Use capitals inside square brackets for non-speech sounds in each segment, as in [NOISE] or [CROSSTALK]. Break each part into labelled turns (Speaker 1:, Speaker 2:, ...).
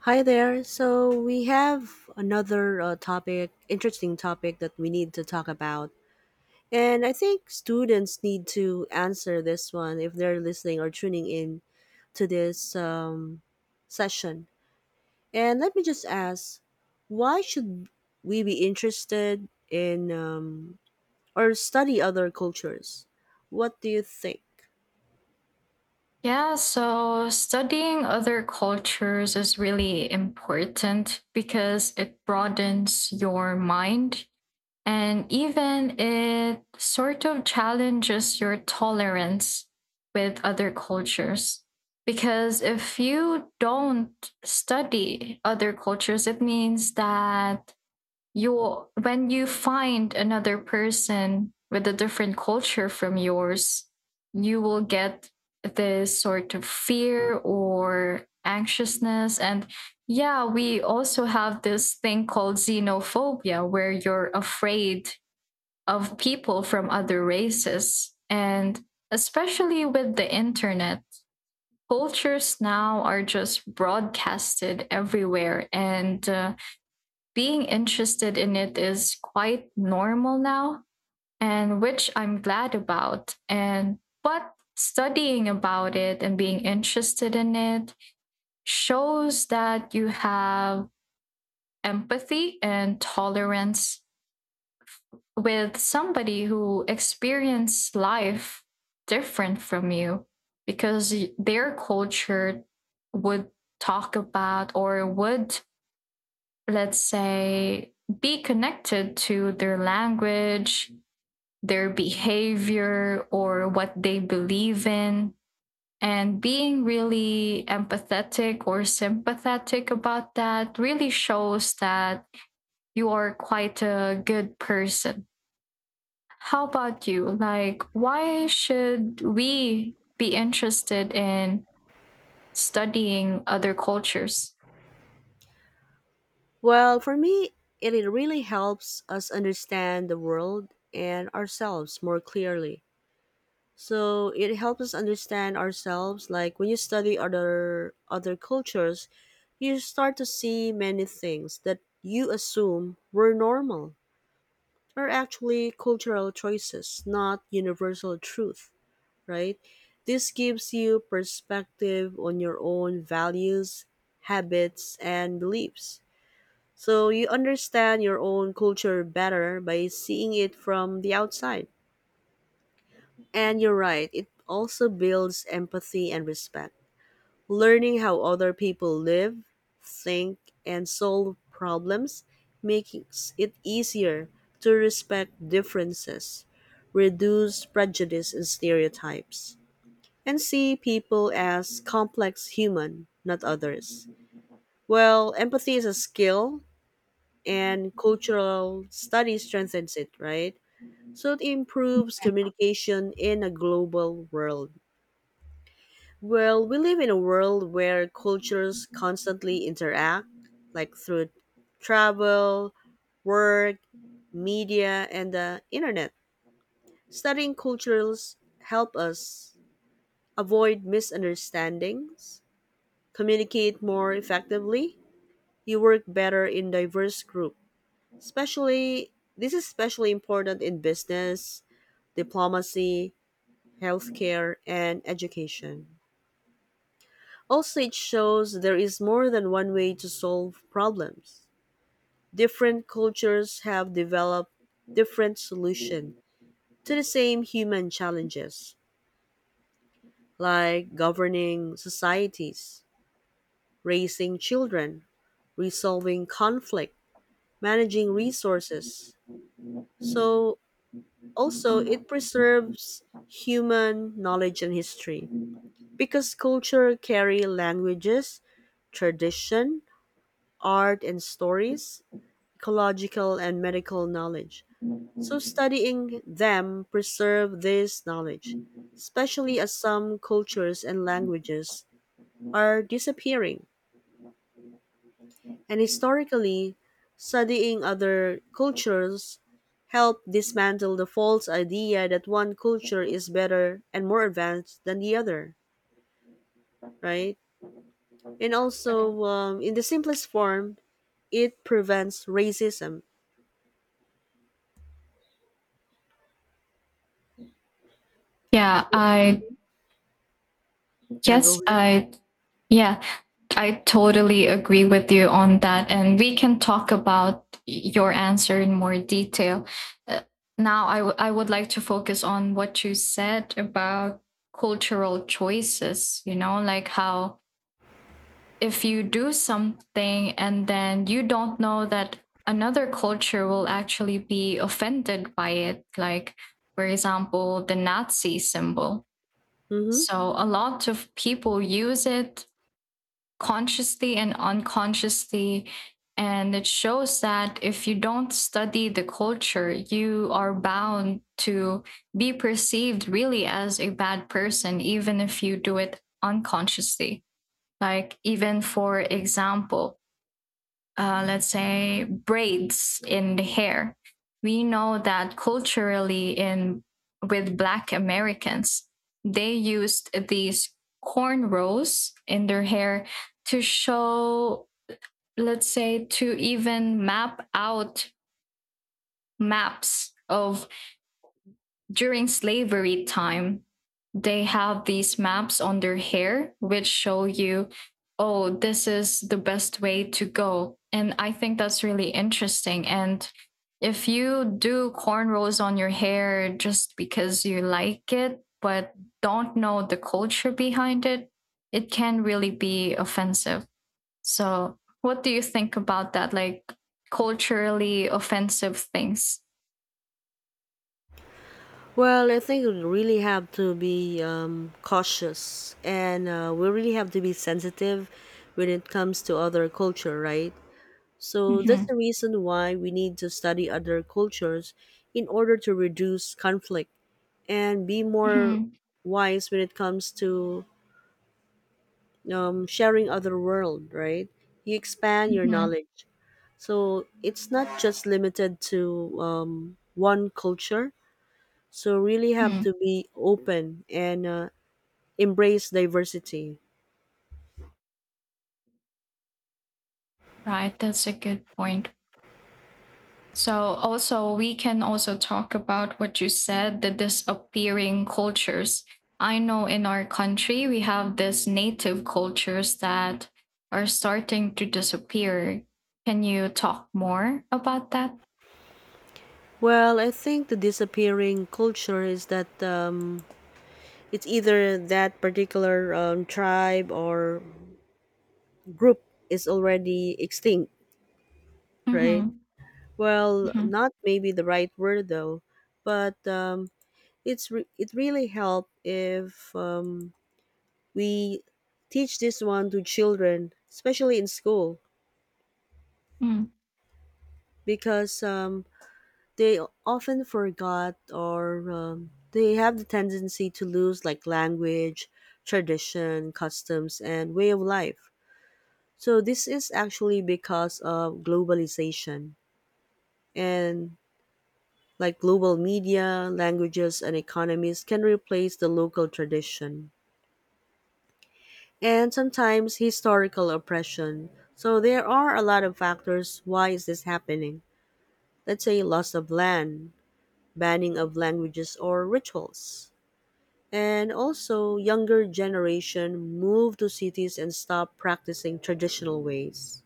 Speaker 1: Hi there. So we have another topic, interesting topic that we need to talk about. And I think students need to answer this one if they're listening or tuning in to this session. And let me just ask why should we be interested in or study other cultures? What do you think?
Speaker 2: Yeah, so studying other cultures is really important because it broadens your mind and even it sort of challenges your tolerance with other cultures. Because if you don't study other cultures, it means that you when you find another person with a different culture from yours, you will get this sort of fear or anxiousness and yeah, we also have this thing called xenophobia where you're afraid of people from other races and especially with the internet cultures now are just broadcasted everywhere and being interested in it is quite normal now, and which I'm glad about. And but studying about it and being interested in it shows that you have empathy and tolerance with somebody who experienced life different from you because their culture would talk about or would, let's say, be connected to their language, their behavior, or what they believe in. And being really empathetic or sympathetic about that really shows that you are quite a good person. How about you? Like, why should we be interested in studying other cultures?
Speaker 1: Well, for me, it really helps us understand the world and ourselves more clearly. So it helps us understand ourselves. Like when you study other cultures, you start to see many things that you assume were normal are actually cultural choices, not universal truth, right? This gives you perspective on your own values, habits, and beliefs. So you understand your own culture better by seeing it from the outside. And you're right, it also builds empathy and respect. Learning how other people live, think, and solve problems makes it easier to respect differences, reduce prejudice and stereotypes, and see people as complex human, not others. Well, empathy is a skill, and cultural study strengthens it, right? So it improves communication in a global world. Well, we live in a world where cultures constantly interact, like through travel, work, media, and the internet. Studying cultures help us avoid misunderstandings, communicate more effectively, you work better in diverse group. Especially this is especially important in business, diplomacy, healthcare, and education. Also, it shows there is more than one way to solve problems. Different cultures have developed different solutions to the same human challenges, like governing societies, raising children, resolving conflict, managing resources. So, also, it preserves human knowledge and history because culture carry languages, tradition, art, and stories ecological and medical knowledge. So studying them preserve this knowledge, especially as some cultures and languages are disappearing. And historically, studying other cultures help dismantle the false idea that one culture is better and more advanced than the other, right? And also, in the simplest form, it prevents racism.
Speaker 2: Yeah,
Speaker 1: Yeah, go
Speaker 2: guess
Speaker 1: ahead.
Speaker 2: I, yeah, I totally agree with you on that. And we can talk about your answer in more detail. Uh, now, I would like to focus on what you said about cultural choices, like how if you do something and then you don't know that another culture will actually be offended by it, like, for example, the Nazi symbol.
Speaker 1: Hmm.
Speaker 2: So a lot of people use it consciously and unconsciously. And it shows that if you don't study the culture, you are bound to be perceived really as a bad person, even if you do it unconsciously. Like, even for example, let's say, braids in the hair. We know that culturally, in with Black Americans, they used these cornrows in their hair to show, let's say, to even map out maps of during slavery time, they have these maps on their hair which show you, oh, this is the best way to go. And I think that's really interesting. And if you do cornrows on your hair just because you like it, but don't know the culture behind it, it can really be offensive. So, what do you think about that? Like culturally offensive things?
Speaker 1: Well, I think we really have to be cautious and we really have to be sensitive when it comes to other culture, right? So
Speaker 2: Mm-hmm.
Speaker 1: that's the reason why we need to study other cultures in order to reduce conflict and be more
Speaker 2: Mm-hmm.
Speaker 1: wise when it comes to sharing other world, right? You expand your
Speaker 2: Mm-hmm.
Speaker 1: knowledge. So it's not just limited to one culture. So really have
Speaker 2: Mm-hmm.
Speaker 1: to be open and embrace diversity?
Speaker 2: Right, that's a good point. So also we can also talk about what you said, the disappearing cultures. I know in our country we have these native cultures that are starting to disappear. Can you talk more about that?
Speaker 1: Well, I think the disappearing culture is that it's either that particular tribe or group is already extinct, right?
Speaker 2: Mm-hmm.
Speaker 1: Well,
Speaker 2: Mm-hmm.
Speaker 1: not maybe the right word though, but it really help if we teach this one to children, especially in school,
Speaker 2: Mm-hmm.
Speaker 1: because they often forgot or they have the tendency to lose like language, tradition, customs, and way of life. So this is actually because of globalization and like global media, languages, and economies can replace the local tradition and sometimes historical oppression. So there are a lot of factors why is this happening? Let's say loss of land, banning of languages or rituals. And also younger generation move to cities and stop practicing traditional ways.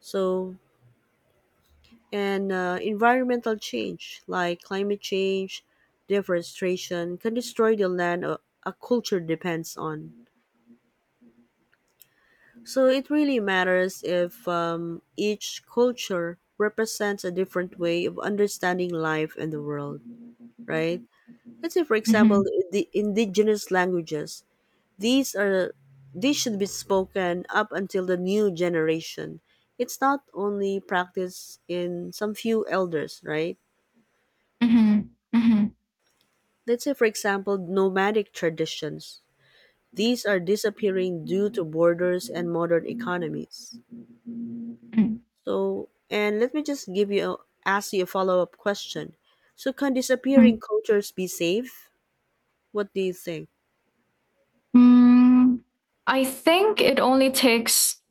Speaker 1: So and environmental change like climate change, deforestation can destroy the land a culture depends on. So it really matters if each culture represents a different way of understanding life and the world, right? Let's say, for example, the indigenous languages. These are these should be spoken up until the new generation. It's not only practiced in some few elders, right?
Speaker 2: Mm-hmm. Mm-hmm.
Speaker 1: Let's say for example nomadic traditions. These are disappearing due to borders and modern
Speaker 2: Mm-hmm.
Speaker 1: economies.
Speaker 2: Mm-hmm,
Speaker 1: So, and let me just give you ask you a follow-up question. So can
Speaker 2: mm-hmm.
Speaker 1: disappearing cultures be saved? What do you think?
Speaker 2: Mm, I think it only takes,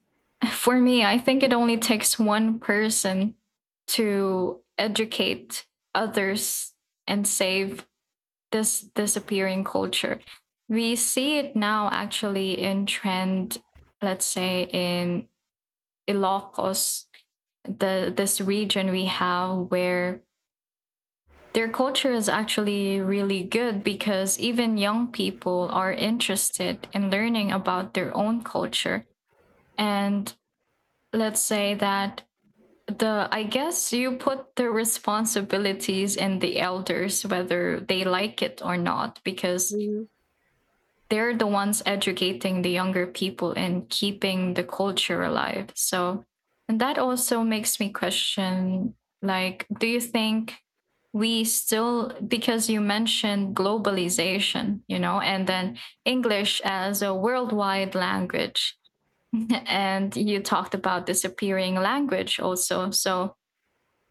Speaker 2: for me, I think it only takes one person to educate others and save this disappearing culture. We see it now actually in trend, let's say in Ilocos, the this region we have where their culture is actually really good because even young people are interested in learning about their own culture. And let's say that the I guess you put the responsibilities in the elders whether they like it or not because
Speaker 1: Mm-hmm.
Speaker 2: they're the ones educating the younger people and keeping the culture alive. So, and that also makes me question like, do you think we still, because you mentioned globalization, and then English as a worldwide language, [LAUGHS] and you talked about disappearing language also. So,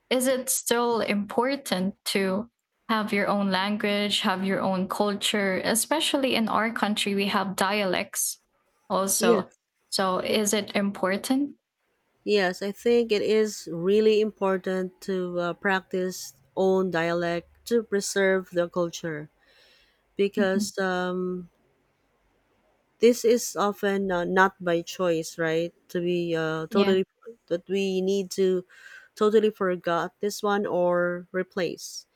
Speaker 2: is it still important to have your own language, have your own culture, especially in our country, we have dialects
Speaker 1: Yeah.
Speaker 2: also. So is it important?
Speaker 1: Yes, I think it is really important to practice own dialect to preserve the culture
Speaker 2: Mhm.
Speaker 1: because this is often not by choice, right? To be
Speaker 2: Yeah.
Speaker 1: totally that we need to totally forgot this one or replace.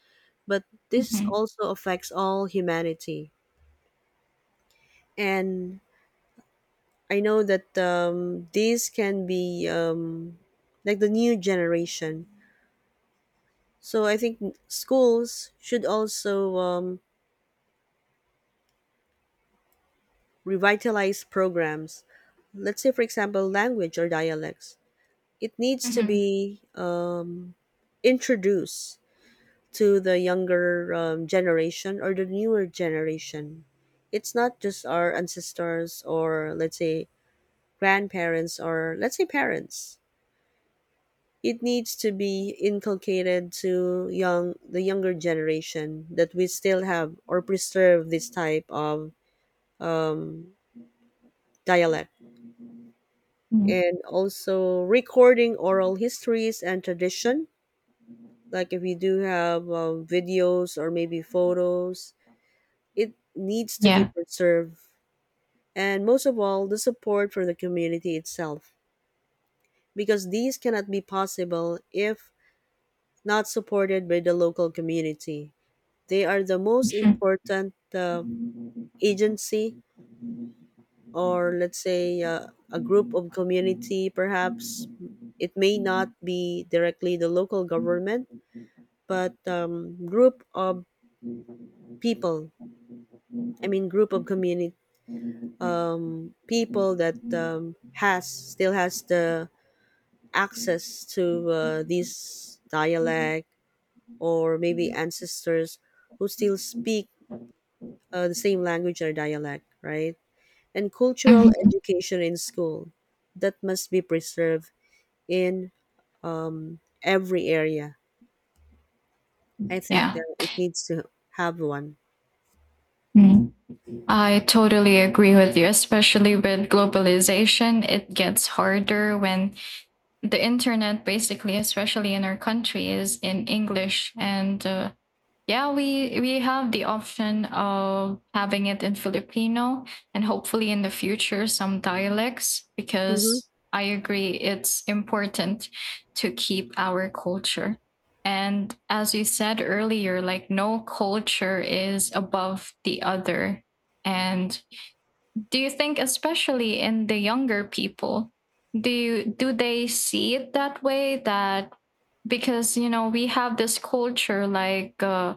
Speaker 1: But this
Speaker 2: Mhm.
Speaker 1: also affects all humanity, and I know that these can be like the new generation. So I think schools should also revitalize programs. Let's say, for example, language or dialects. It needs to
Speaker 2: Mhm.
Speaker 1: be introduced to the younger generation or the newer generation. It's not just our ancestors or, let's say, grandparents or, let's say, parents. It needs to be inculcated to young the younger generation that we still have or preserve this type of um, dialect,
Speaker 2: Mhm.
Speaker 1: and also recording oral histories and tradition, like if you do have videos or maybe photos, it needs to be
Speaker 2: Yeah.
Speaker 1: preserved, and most of all the support for the community itself because these cannot be possible if not supported by the local community. They are the most
Speaker 2: Mhm.
Speaker 1: important agency or let's say a group of community perhaps. It may not be directly the local government, but group of people, I mean group of community, people that has the access to this dialect or maybe ancestors who still speak the same language or dialect, right? And cultural
Speaker 2: Mhm.
Speaker 1: education in school that must be preserved in every area. I think
Speaker 2: Yeah.
Speaker 1: that it needs to have one.
Speaker 2: Mhm. I totally agree with you, especially with globalization. It gets harder when the internet, basically, especially in our country, is in English and yeah, we have the option of having it in Filipino and hopefully in the future some dialects
Speaker 1: Mm-hmm.
Speaker 2: because I agree it's important to keep our culture. And as you said earlier, like no culture is above the other. And do you think especially in the younger people, do they see it that way that because we have this culture like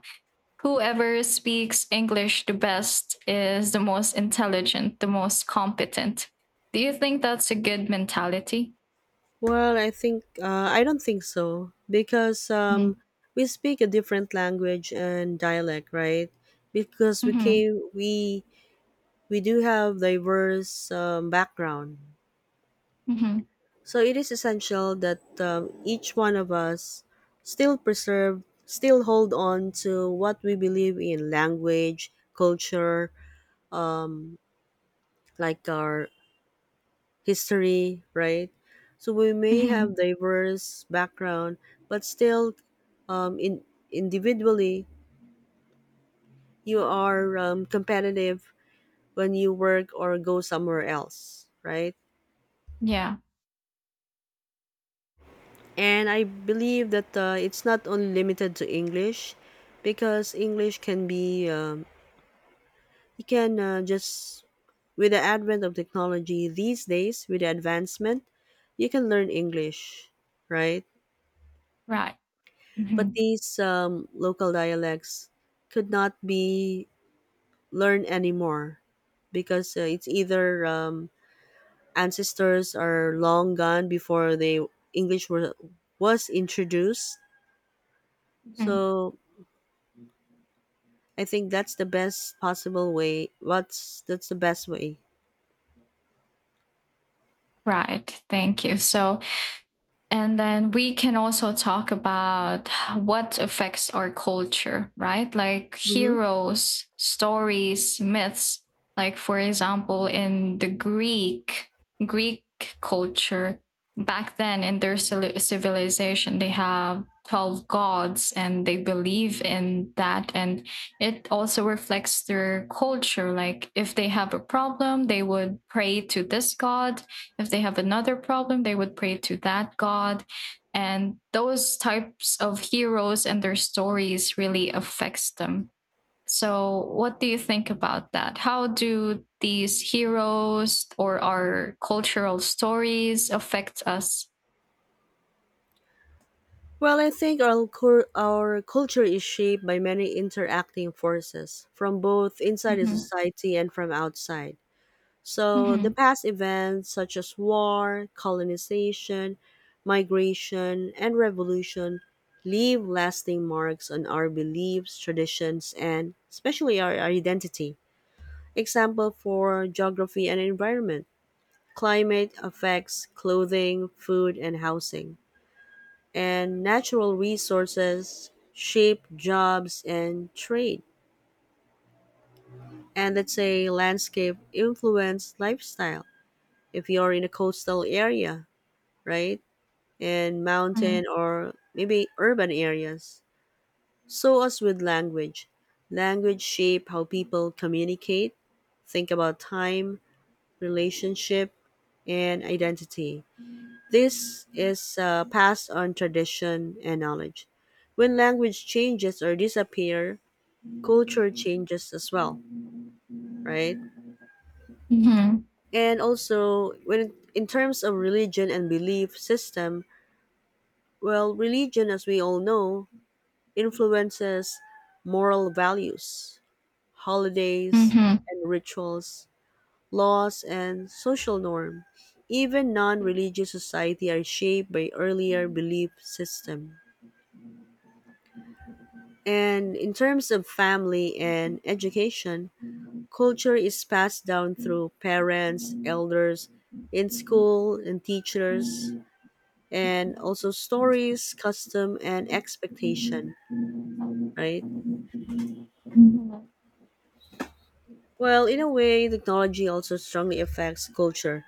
Speaker 2: whoever speaks English the best is the most intelligent, the most competent. Do you think that's a good mentality?
Speaker 1: Well, I think I don't think so because
Speaker 2: Mm-hmm.
Speaker 1: we speak a different language and dialect, right? Because we
Speaker 2: Mm-hmm.
Speaker 1: came, we do have diverse background,
Speaker 2: Mm-hmm.
Speaker 1: so it is essential that each one of us still preserve, still hold on to what we believe in language, culture, like our history, right? So we may
Speaker 2: Mm-hmm.
Speaker 1: have diverse background, but still, in individually, you are competitive when you work or go somewhere else, right?
Speaker 2: Yeah,
Speaker 1: And I believe that it's not only limited to English, because English can be you can just with the advent of technology these days, with the advancement, you can learn English, right?
Speaker 2: right.
Speaker 1: But
Speaker 2: Mm-hmm.
Speaker 1: these local dialects could not be learned anymore because it's either ancestors are long gone before the English were, was introduced.
Speaker 2: Mm-hmm.
Speaker 1: So I think that's the best possible way. What's That's the best way?
Speaker 2: Right. Thank you. So, and then we can also talk about what affects our culture, right? Like
Speaker 1: Hmm.
Speaker 2: heroes, stories, myths. Like, for example, in the Greek culture, back then in their civilization, they have 12 gods and they believe in that. And it also reflects their culture. Like, if they have a problem, they would pray to this god if they have another problem, they would pray to that God. And those types of heroes and their stories really affects them. So, what do you think about that? How do these heroes or our cultural stories affect us?
Speaker 1: Well, I think our culture is shaped by many interacting forces from both inside the
Speaker 2: Mm-hmm.
Speaker 1: society and from outside. So the
Speaker 2: Mm-hmm.
Speaker 1: past events such as war, colonization, migration, and revolution leave lasting marks on our beliefs, traditions, and especially our identity. Example for geography and environment. Climate affects clothing, food, and housing. And natural resources shape jobs and trade. And let's say landscape influence lifestyle. If you're in a coastal area, right? In mountain or maybe urban areas. So as with language, language shape how people communicate, think about time, relationship, and identity. This is passed on tradition and knowledge. When language changes or disappear, culture changes as well, right?
Speaker 2: Mm-hmm.
Speaker 1: And also, when in terms of religion and belief system, well, religion, as we all know, influences moral values, holidays
Speaker 2: Mm-hmm.
Speaker 1: and rituals, laws and social norm. Even non-religious society are shaped by earlier belief system. And in terms of family and education, culture is passed down through parents, elders, in school and teachers, and also stories, custom and expectation, right?
Speaker 2: Mm-hmm.
Speaker 1: Well, in a way, technology also strongly affects culture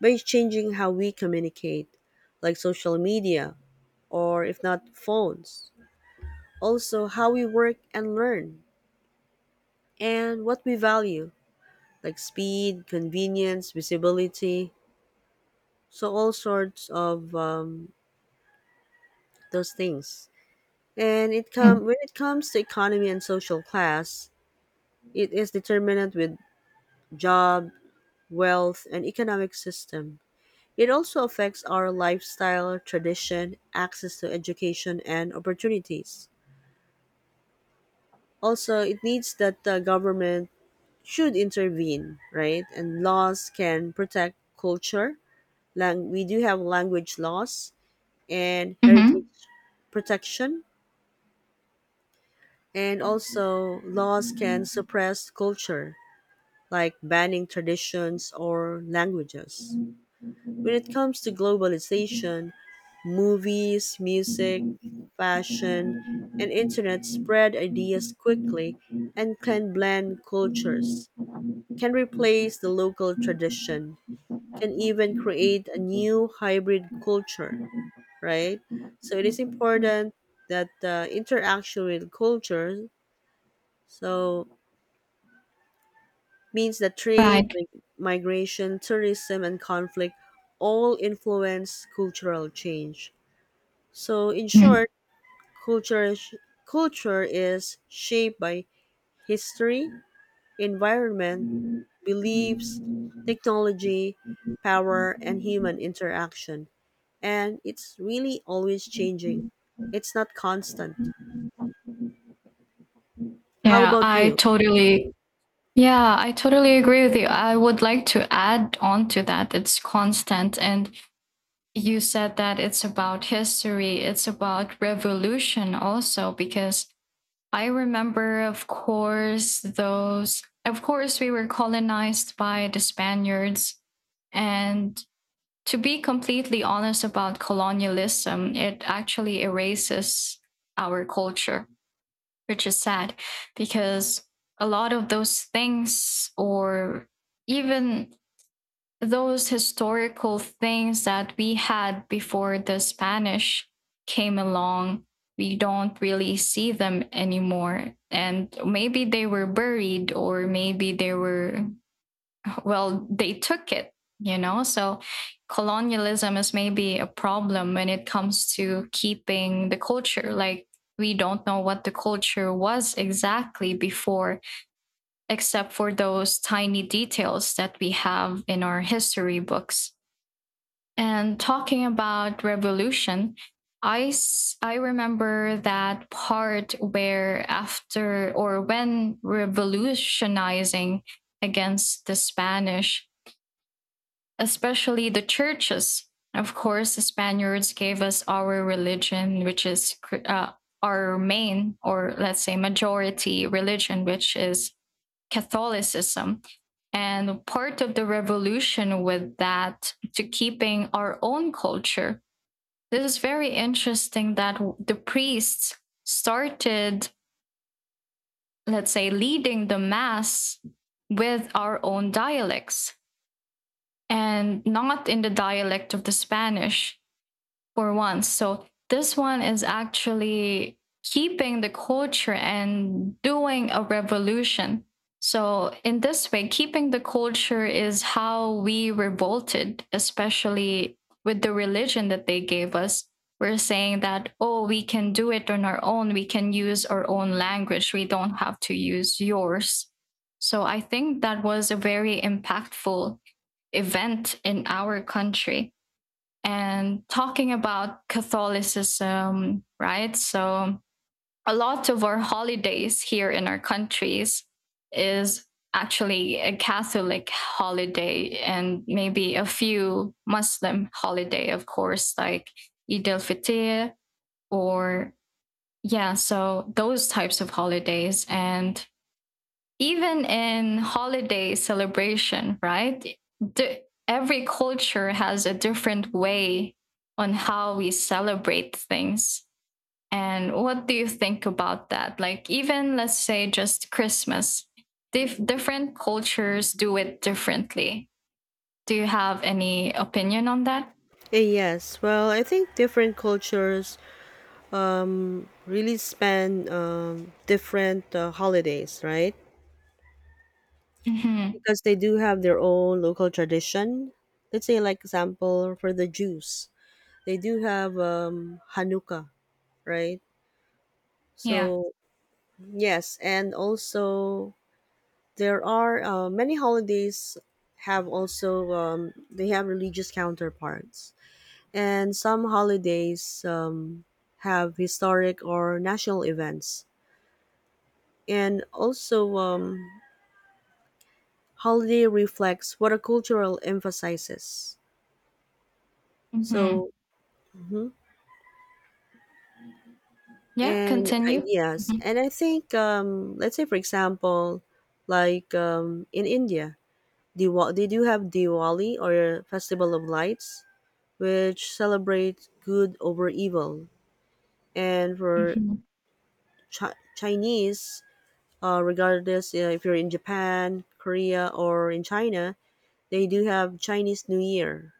Speaker 1: by changing how we communicate, like social media, or if not, phones. Also, how we work and learn, and what we value, like speed, convenience, visibility. So, all sorts of those things. And it come when it comes to economy and social class, it is determinant with job, wealth, and economic system. It also affects our lifestyle, tradition, access to education, and opportunities. Also, it needs that the government should intervene, right? And laws can protect culture. We do have language laws and
Speaker 2: Mm-hmm.
Speaker 1: heritage protection, and also laws can suppress culture, like banning traditions or languages. When it comes to
Speaker 2: Mm-hmm.
Speaker 1: globalization, movies, music, fashion, and internet spread ideas quickly and can blend cultures, can replace the local tradition, can even create a new hybrid culture, right? So it is important that interaction with culture so means that trade,
Speaker 2: Right.
Speaker 1: migration, tourism, and conflict all influence cultural change. So in
Speaker 2: Mhm.
Speaker 1: short, Culture is, culture is shaped by history, environment, beliefs, technology, power, and human interaction. And it's really always changing. It's not constant. How
Speaker 2: Yeah,
Speaker 1: about you?
Speaker 2: I totally agree with you. I would like to add on to that. It's constant. And you said that it's about history, it's about revolution also, because I remember, of course, those. Of course, we were colonized by the Spaniards. And to be completely honest about colonialism, it actually erases our culture, which is sad because a lot of those things, or even those historical things that we had before the Spanish came along, we don't really see them anymore. And maybe they were buried, or maybe they were, well, they took it, you know? So colonialism is maybe a problem when it comes to keeping the culture. Like, we don't know what the culture was exactly before, except for those tiny details that we have in our history books. And talking about revolution, I remember that part where after or when revolutionizing against the Spanish, especially the churches. Of course, the Spaniards gave us our religion, which is our main or let's say majority religion, which is Catholicism. And part of the revolution with that to keeping our own culture, this is very interesting that the priests started, let's say, leading the Mass with our own dialects and not in the dialect of the Spanish for once. So this one is actually keeping the culture and doing a revolution. So, in this way, keeping the culture is how we revolted, especially with the religion that they gave us. We're saying that, oh, we can do it on our own. We can use our own language. We don't have to use yours. So, I think that was a very impactful event in our country and talking about Catholicism, right? So a lot of our holidays here in our countries is actually a Catholic holiday and maybe a few Muslim holiday, of course, like Eid al-Fitr or yeah, so those types of holidays and even in holiday celebration, right? Every culture has a different way on how we celebrate things. And what do you think about that? Like, even let's say just Christmas, different cultures do it differently. Do you have any opinion on that?
Speaker 1: Yes, well, I think different cultures really span different holidays, right?
Speaker 2: Mm-hmm.
Speaker 1: Because they do have their own local tradition. Let's say, like example for the Jews, they do have Hanukkah, right?
Speaker 2: Yeah.
Speaker 1: So yes, and also there are many holidays have also they have religious counterparts, and some holidays have historic or national events, and also holiday reflects what a cultural emphasizes.
Speaker 2: Mm-hmm.
Speaker 1: So. Mhm.
Speaker 2: Yeah, continue.
Speaker 1: Yes,
Speaker 2: Mhm.
Speaker 1: and I think let's say for example like in India, they do have Diwali or festival of lights, which celebrates good over evil, and for
Speaker 2: Mhm.
Speaker 1: Chinese, regardless if you're in Japan, Korea, or in China, they do have Chinese New Year,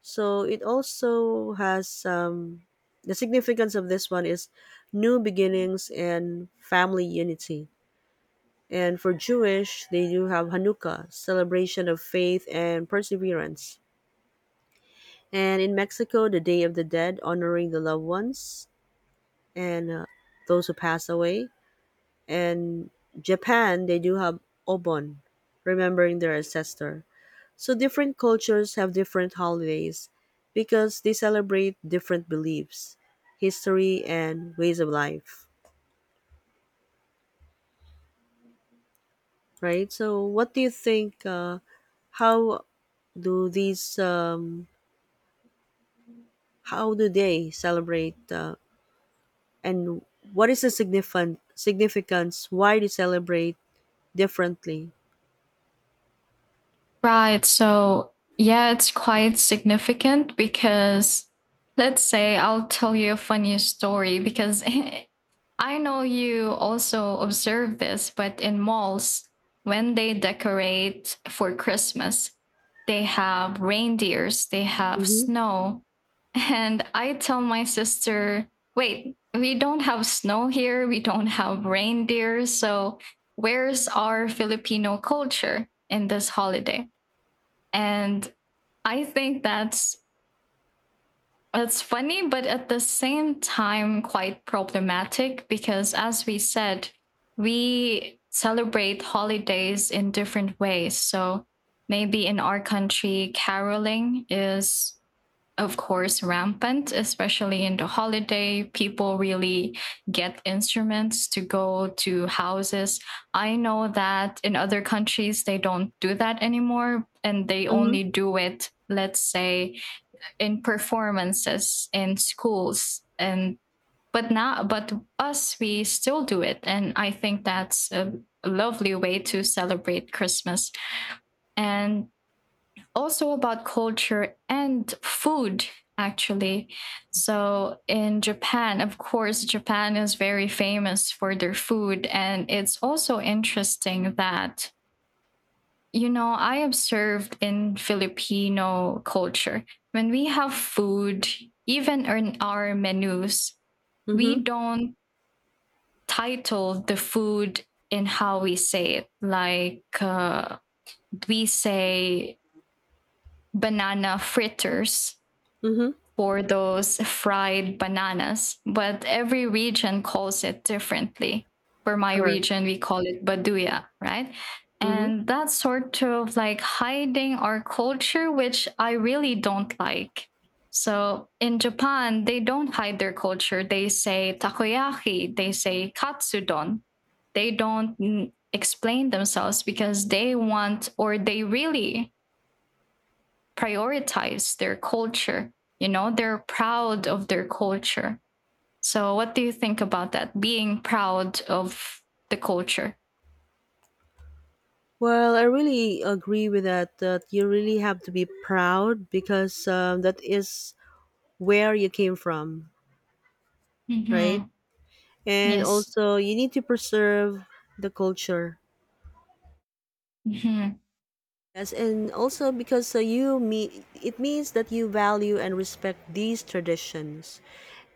Speaker 1: so it also has the significance of this one is new beginnings and family unity. And for Jewish, they do have Hanukkah, celebration of faith and perseverance. And in Mexico, the Day of the Dead, honoring the loved ones and those who pass away. And Japan, they do have Obon, remembering their ancestor. So different cultures have different holidays because they celebrate different beliefs, history, and ways of life. Right? So, what do you think? How do these how do they celebrate, and what is the significant significance? Why they celebrate differently?
Speaker 2: Right. So, yeah, it's quite significant because let's say I'll tell you a funny story because [LAUGHS] I know you also observe this, but in malls, when they decorate for Christmas, they have reindeers, they have
Speaker 1: Mm-hmm.
Speaker 2: snow. [LAUGHS] And I tell my sister, wait, we don't have snow here, we don't have reindeer. So, where's our Filipino culture in this holiday? And I think that's funny, but at the same time, quite problematic because, as we said, we celebrate holidays in different ways. So maybe in our country, caroling is, of course, rampant, especially in the holiday. People really get instruments to go to houses. I know that in other countries they don't do that anymore and they
Speaker 1: Mm-hmm.
Speaker 2: only do it, let's say, in performances in schools. And but now, but us, we still do it and I think that's a lovely way to celebrate Christmas. And also about culture and food, actually, so in Japan, of course, Japan is very famous for their food and it's also interesting that I observed in Filipino culture, when we have food, even in our menus,
Speaker 1: Mm-hmm.
Speaker 2: we don't title the food in how we say it. Like, we say banana fritters
Speaker 1: Mm-hmm.
Speaker 2: for those fried bananas, but every region calls it differently. For my
Speaker 1: Correct.
Speaker 2: region, we call it baduya, right?
Speaker 1: Mm-hmm.
Speaker 2: And that's sort of like hiding our culture, which I really don't like. So in Japan, they don't hide their culture. They say takoyaki, they say katsudon. They don't explain themselves because they want or they really prioritize their culture. They're proud of their culture. So, what do you think about that? Being proud of the culture.
Speaker 1: Well, I really agree with that. That you really have to be proud because that is where you came from, right?
Speaker 2: Mm-hmm.
Speaker 1: And
Speaker 2: Yes.
Speaker 1: also, you need to preserve the culture.
Speaker 2: Mm-hmm.
Speaker 1: Yes, and also because you mean it means that you value and respect these traditions,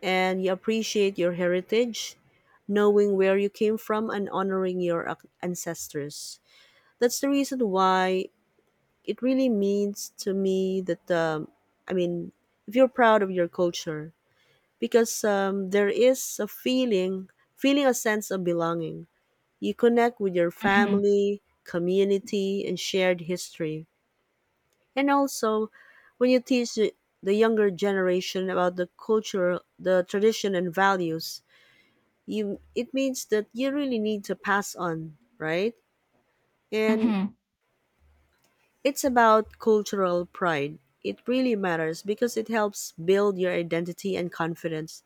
Speaker 1: and you appreciate your heritage, knowing where you came from and honoring your ancestors. That's the reason why it really means to me that I mean, if you're proud of your culture, because there is a feeling a sense of belonging. You connect with your
Speaker 2: Mm-hmm.
Speaker 1: family, community, and shared history. And also, when you teach the younger generation about the culture, the tradition, and values, you it means that you really need to pass on, right? And
Speaker 2: Mm-hmm.
Speaker 1: it's about cultural pride. It really matters because it helps build your identity and confidence.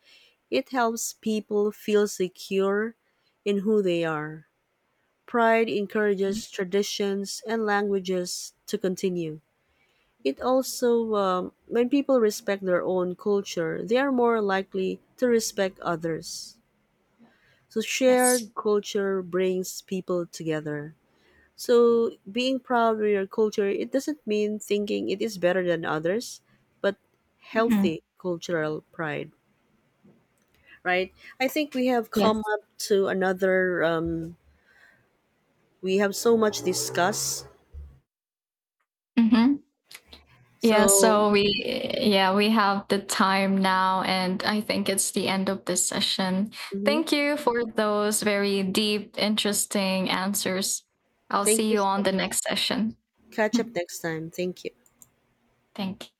Speaker 1: It helps people feel secure in who they are. Pride encourages traditions and languages to continue. It also when people respect their own culture they are more likely to respect others. So
Speaker 2: Yes.
Speaker 1: shared culture brings people together. So being proud of your culture, it doesn't mean thinking it is better than others, but
Speaker 2: Mm-hmm.
Speaker 1: healthy cultural pride, right? I think we have come
Speaker 2: Yes.
Speaker 1: up to another. We have so much discuss.
Speaker 2: Mm-hmm. Yeah.
Speaker 1: So
Speaker 2: So we have the time now, and I think it's the end of this session.
Speaker 1: mhm.
Speaker 2: Thank you for those very deep, interesting answers. I'll
Speaker 1: Thank
Speaker 2: see
Speaker 1: you.
Speaker 2: you
Speaker 1: So
Speaker 2: on the next session. [LAUGHS]
Speaker 1: catch up next time. Thank you.
Speaker 2: Thank you.